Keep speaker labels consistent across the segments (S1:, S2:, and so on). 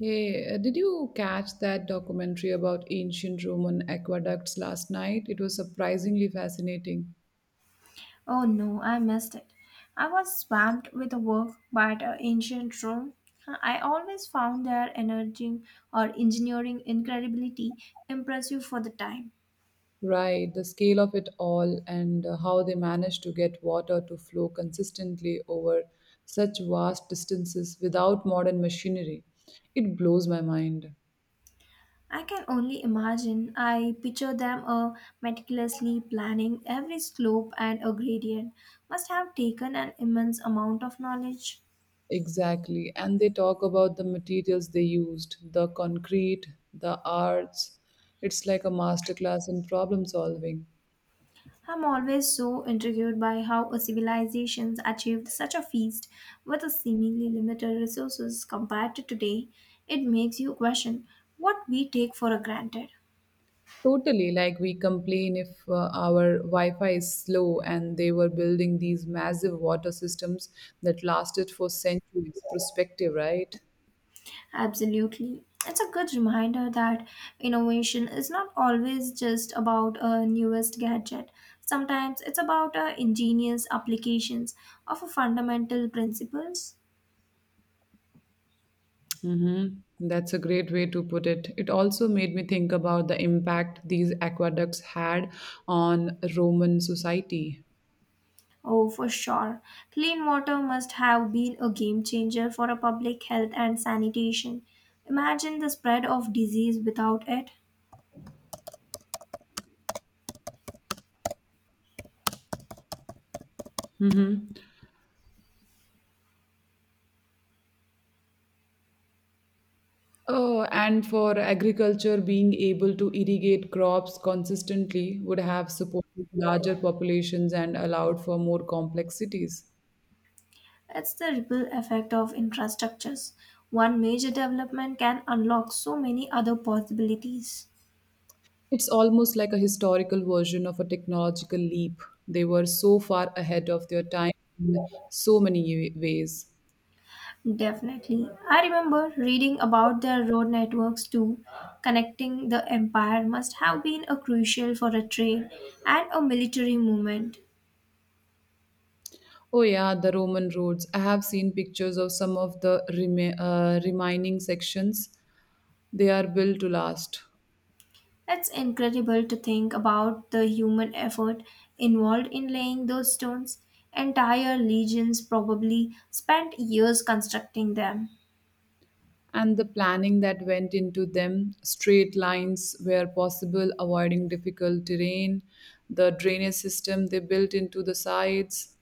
S1: Hey, did you catch that documentary about ancient Roman aqueducts last night? It was surprisingly fascinating.
S2: Oh no, I missed it. I was swamped with work but ancient Rome. I always found their energy or engineering incredibility impressive for the time.
S1: Right, the scale of it all and how they managed to get water to flow consistently over such vast distances without modern machinery. It blows my mind.
S2: I can only imagine. I picture them meticulously planning every slope and a gradient. Must have taken an immense amount of knowledge.
S1: Exactly. And they talk about the materials they used, the concrete, the arts. It's like a masterclass in problem solving.
S2: I'm always so intrigued by how a civilization achieved such a feast with a seemingly limited resources compared to today. It makes you question what we take for granted.
S1: Totally, like we complain if our Wi Fi is slow, and they were building these massive water systems that lasted for centuries. Perspective, right?
S2: Absolutely. It's a good reminder that innovation is not always just about a newest gadget. Sometimes it's about ingenious applications of fundamental principles.
S1: Mm-hmm. That's a great way to put it. It also made me think about the impact these aqueducts had on Roman society.
S2: Oh, for sure. Clean water must have been a game changer for a public health and sanitation. Imagine the spread of disease without it.
S1: Mm-hmm. Oh, and for agriculture, being able to irrigate crops consistently would have supported larger populations and allowed for more complex cities.
S2: It's the ripple effect of infrastructures. One major development can unlock so many other possibilities.
S1: It's almost like a historical version of a technological leap. They were so far ahead of their time in so many ways.
S2: Definitely. I remember reading about their road networks too. Connecting the empire must have been a crucial for a trade and a military movement.
S1: Oh, yeah, the Roman roads. I have seen pictures of some of the remaining sections. They are built to last.
S2: It's incredible to think about the human effort involved in laying those stones. Entire legions probably spent years constructing them.
S1: And the planning that went into them, straight lines where possible, avoiding difficult terrain, the drainage system they built into the sides.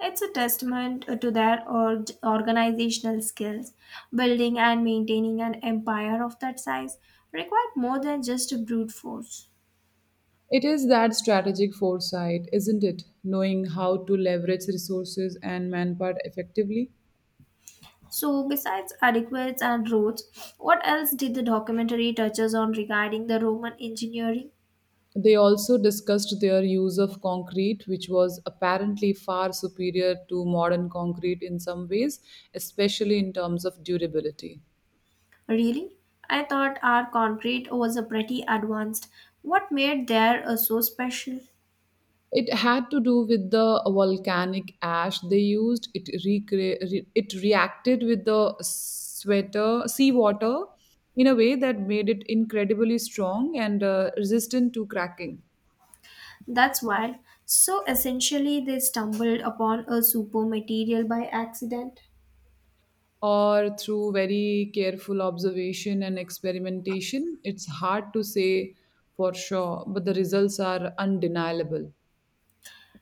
S2: It's a testament to their organizational skills. Building and maintaining an empire of that size required more than just brute force.
S1: It is that strategic foresight, isn't it? Knowing how to leverage resources and manpower effectively.
S2: So, besides adequates and roads, what else did the documentary touches on regarding the Roman engineering?
S1: They also discussed their use of concrete, which was apparently far superior to modern concrete in some ways, especially in terms of durability.
S2: Really? I thought our concrete was a pretty advanced. What made their so special?
S1: It had to do with the volcanic ash they used. It reacted with the seawater in a way that made it incredibly strong and resistant to cracking.
S2: That's wild. So essentially, they stumbled upon a super material by accident.
S1: Or through very careful observation and experimentation, it's hard to say for sure, but the results are undeniable.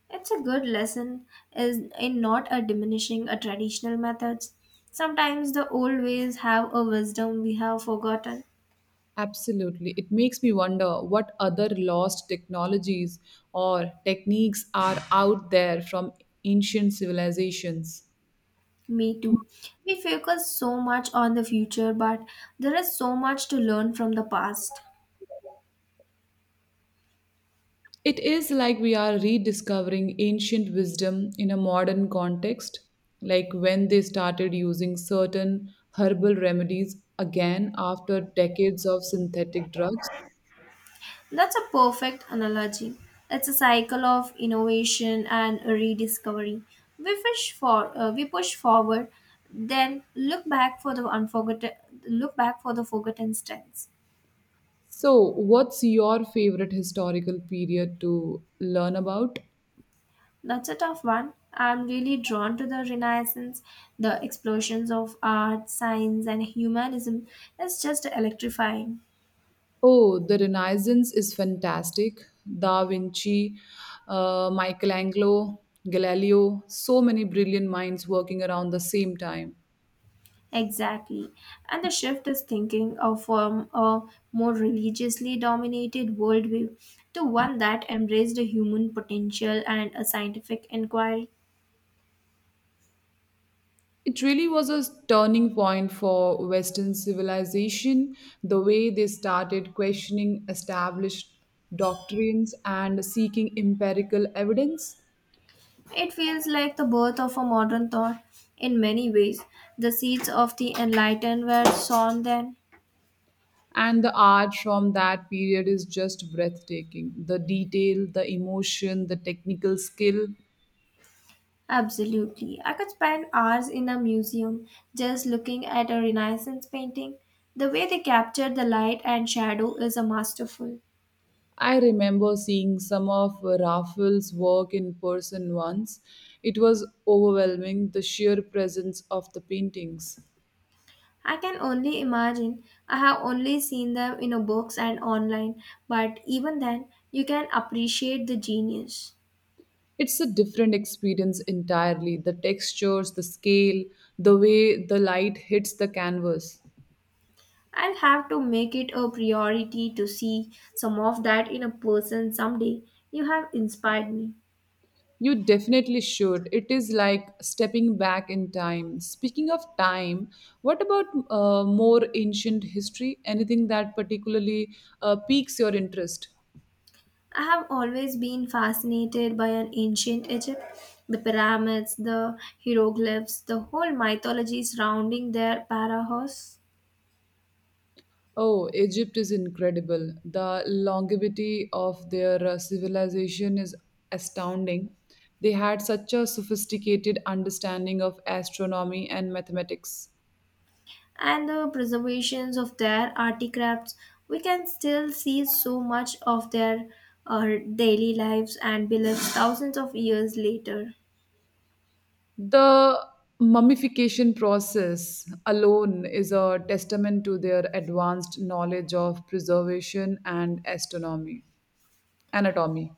S2: It's a good lesson is in not a diminishing a traditional methods. Sometimes the old ways have a wisdom we have forgotten.
S1: Absolutely. It makes me wonder what other lost technologies or techniques are out there from ancient civilizations.
S2: Me too. We focus so much on the future, but there is so much to learn from the past.
S1: It is like we are rediscovering ancient wisdom in a modern context, like when they started using certain herbal remedies again after decades of synthetic drugs.
S2: That's a perfect analogy. It's a cycle of innovation and rediscovery. We push forward, then look back for the unforgotten look back for the forgotten strengths.
S1: So, what's your favorite historical period to learn about?
S2: That's a tough one. I'm really drawn to the Renaissance, the explosions of art, science, and humanism. It's just electrifying.
S1: Oh, the Renaissance is fantastic. Da Vinci, Michelangelo, Galileo, so many brilliant minds working around the same time.
S2: Exactly. And the shift is thinking of from a more religiously dominated worldview to one that embraced the human potential and a scientific inquiry.
S1: It really was a turning point for Western civilization, the way they started questioning established doctrines and seeking empirical evidence.
S2: It feels like the birth of a modern thought in many ways. The seeds of the enlightened were sown then.
S1: And the art from that period is just breathtaking. The detail, the emotion, the technical skill.
S2: Absolutely. I could spend hours in a museum just looking at a Renaissance painting. The way they captured the light and shadow is a masterful.
S1: I remember seeing some of Raphael's work in person once. It was overwhelming, the sheer presence of the paintings.
S2: I can only imagine. I have only seen them in a books and online, but even then, you can appreciate the genius.
S1: It's a different experience entirely, the textures, the scale, the way the light hits the canvas.
S2: I'll have to make it a priority to see some of that in a person someday. You have inspired me.
S1: You definitely should. It is like stepping back in time. Speaking of time, what about more ancient history? Anything that particularly piques your interest?
S2: I have always been fascinated by an ancient Egypt, the pyramids, the hieroglyphs, the whole mythology surrounding their pharaohs.
S1: Oh, Egypt is incredible. The longevity of their civilization is astounding. They had such a sophisticated understanding of astronomy and mathematics.
S2: And the preservations of their artifacts, we can still see so much of their uh, daily lives and beliefs thousands of years later.
S1: The mummification process alone is a testament to their advanced knowledge of preservation and astronomy, anatomy.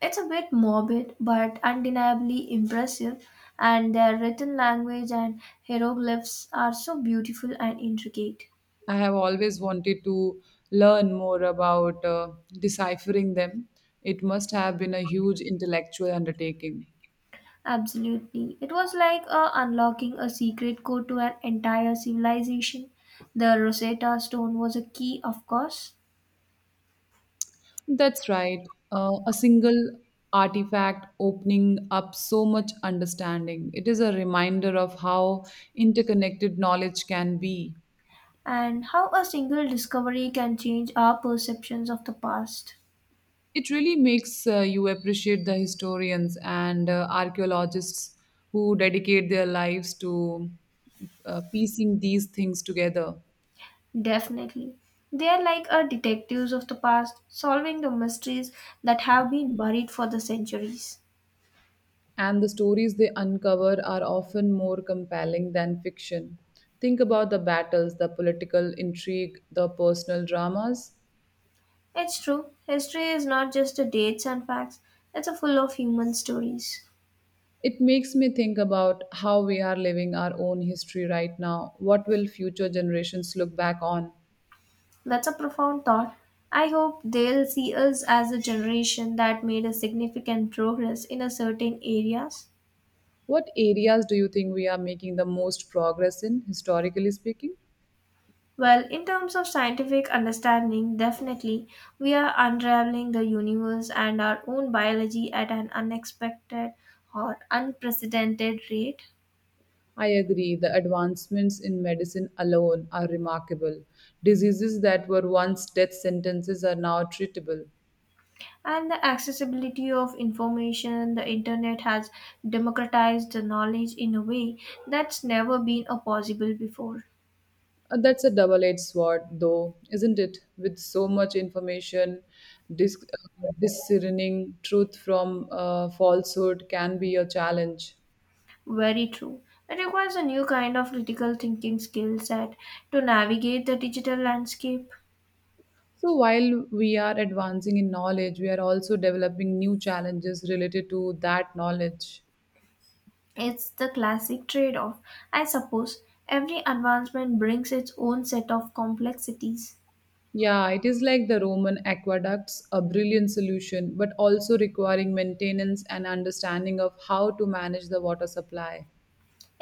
S2: It's a bit morbid, but undeniably impressive, and their written language and hieroglyphs are so beautiful and intricate.
S1: I have always wanted to learn more about deciphering them. It must have been a huge intellectual undertaking.
S2: Absolutely. It was like unlocking a secret code to an entire civilization. The Rosetta Stone was a key, of course,
S1: That's right. A single artifact opening up so much understanding. It is a reminder of how interconnected knowledge can be.
S2: and how a single discovery can change our perceptions of the past.
S1: It really makes you appreciate the historians and archaeologists who dedicate their lives to piecing these things together.
S2: Definitely. They are like our detectives of the past, solving the mysteries that have been buried for the centuries.
S1: And the stories they uncover are often more compelling than fiction. Think about the battles, the political intrigue, the personal dramas.
S2: It's true, history is not just the dates and facts, it's a full of human stories.
S1: It makes me think about how we are living our own history right now. What will future generations look back on?
S2: That's a profound thought. I hope they'll see us as a generation that made a significant progress in a certain areas.
S1: What areas do you think we are making the most progress in, historically speaking?
S2: Well, in terms of scientific understanding, definitely we are unraveling the universe and our own biology at an unexpected or unprecedented rate.
S1: I agree, the advancements in medicine alone are remarkable. Diseases that were once death sentences are now treatable.
S2: And the accessibility of information, the internet has democratized the knowledge in a way that's never been a possible before.
S1: That's a double edged sword, though, isn't it? With so much information, discerning truth from falsehood can be a challenge.
S2: Very true. It requires a new kind of critical thinking skill set to navigate the digital landscape.
S1: So, while we are advancing in knowledge, we are also developing new challenges related to that knowledge.
S2: It's the classic trade off. I suppose every advancement brings its own set of complexities.
S1: Yeah, it is like the Roman aqueducts, a brilliant solution, but also requiring maintenance and understanding of how to manage the water supply.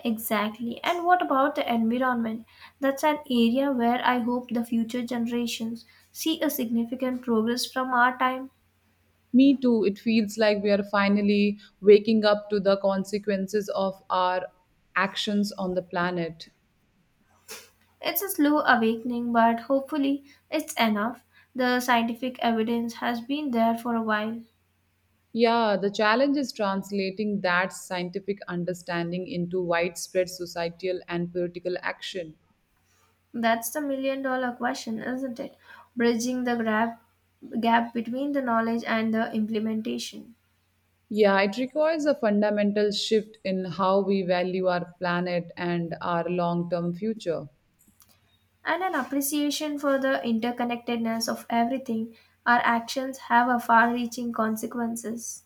S2: Exactly. And what about the environment? That's an area where I hope the future generations see a significant progress from our time.
S1: Me too. It feels like we are finally waking up to the consequences of our actions on the planet.
S2: It's a slow awakening, but hopefully it's enough. The scientific evidence has been there for a while.
S1: Yeah, the challenge is translating that scientific understanding into widespread societal and political action.
S2: That's the million dollar question, isn't it? Bridging the gap, gap between the knowledge and the implementation.
S1: Yeah, it requires a fundamental shift in how we value our planet and our long term future.
S2: And an appreciation for the interconnectedness of everything, our actions have a far reaching consequences.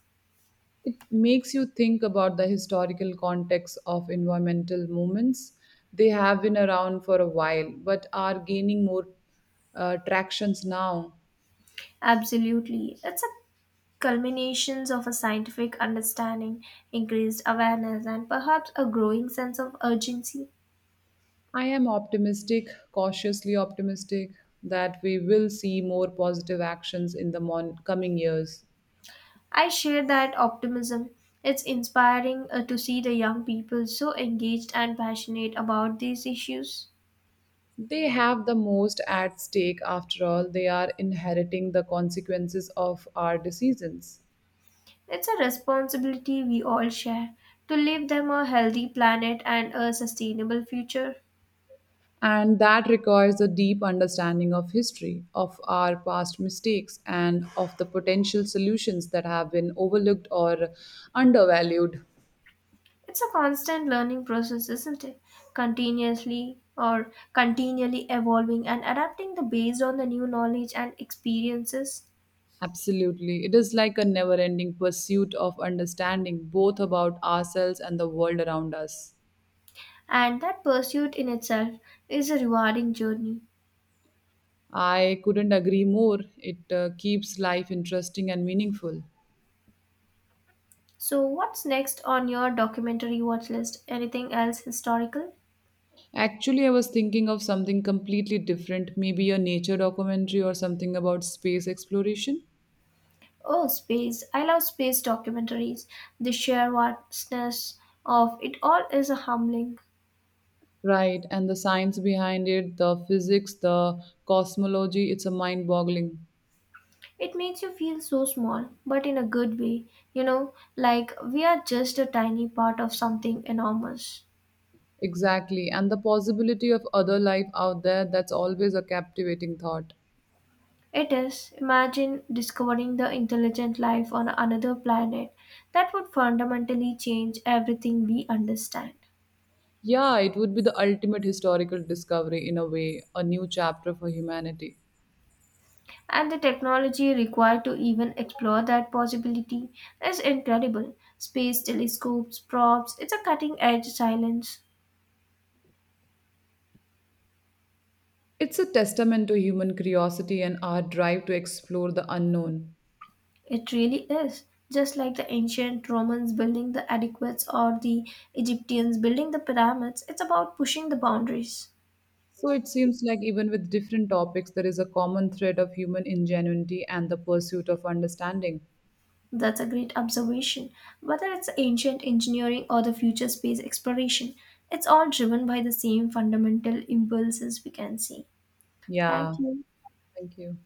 S1: It makes you think about the historical context of environmental movements. They have been around for a while, but are gaining more tractions now.
S2: Absolutely. It's a culmination of a scientific understanding, increased awareness, and perhaps a growing sense of urgency.
S1: I am optimistic, cautiously optimistic, that we will see more positive actions in the coming years.
S2: I share that optimism. It's inspiring to see the young people so engaged and passionate about these issues.
S1: They have the most at stake, after all, they are inheriting the consequences of our decisions.
S2: It's a responsibility we all share to leave them a healthy planet and a sustainable future.
S1: And that requires a deep understanding of history, of our past mistakes, and of the potential solutions that have been overlooked or undervalued.
S2: It's a constant learning process, isn't it? Continuously or continually evolving and adapting the based on the new knowledge and experiences.
S1: Absolutely. It is like a never ending pursuit of understanding both about ourselves and the world around us.
S2: And that pursuit in itself is a rewarding journey.
S1: I couldn't agree more. It keeps life interesting and meaningful.
S2: So what's next on your documentary watch list? Anything else historical?
S1: Actually, I was thinking of something completely different, maybe a nature documentary or something about space exploration.
S2: Oh, space. I love space documentaries. The sheer vastness of it all is a humbling.
S1: Right, and the science behind it, the physics, the cosmology, it's a mind boggling.
S2: It makes you feel so small, but in a good way, you know, like we are just a tiny part of something enormous.
S1: Exactly, and the possibility of other life out there, that's always a captivating thought.
S2: It is, imagine discovering the intelligent life on another planet that would fundamentally change everything we understand.
S1: Yeah, it would be the ultimate historical discovery in a way, a new chapter for humanity.
S2: And the technology required to even explore that possibility is incredible. Space telescopes, probes, it's a cutting edge science.
S1: It's a testament to human curiosity and our drive to explore the unknown.
S2: It really is. Just like the ancient Romans building the aqueducts or the Egyptians building the pyramids, it's about pushing the boundaries.
S1: So it seems like even with different topics, there is a common thread of human ingenuity and the pursuit of understanding.
S2: That's a great observation. Whether it's ancient engineering or the future space exploration, it's all driven by the same fundamental impulses we can see.
S1: Yeah,
S2: Thank you.
S1: thank you.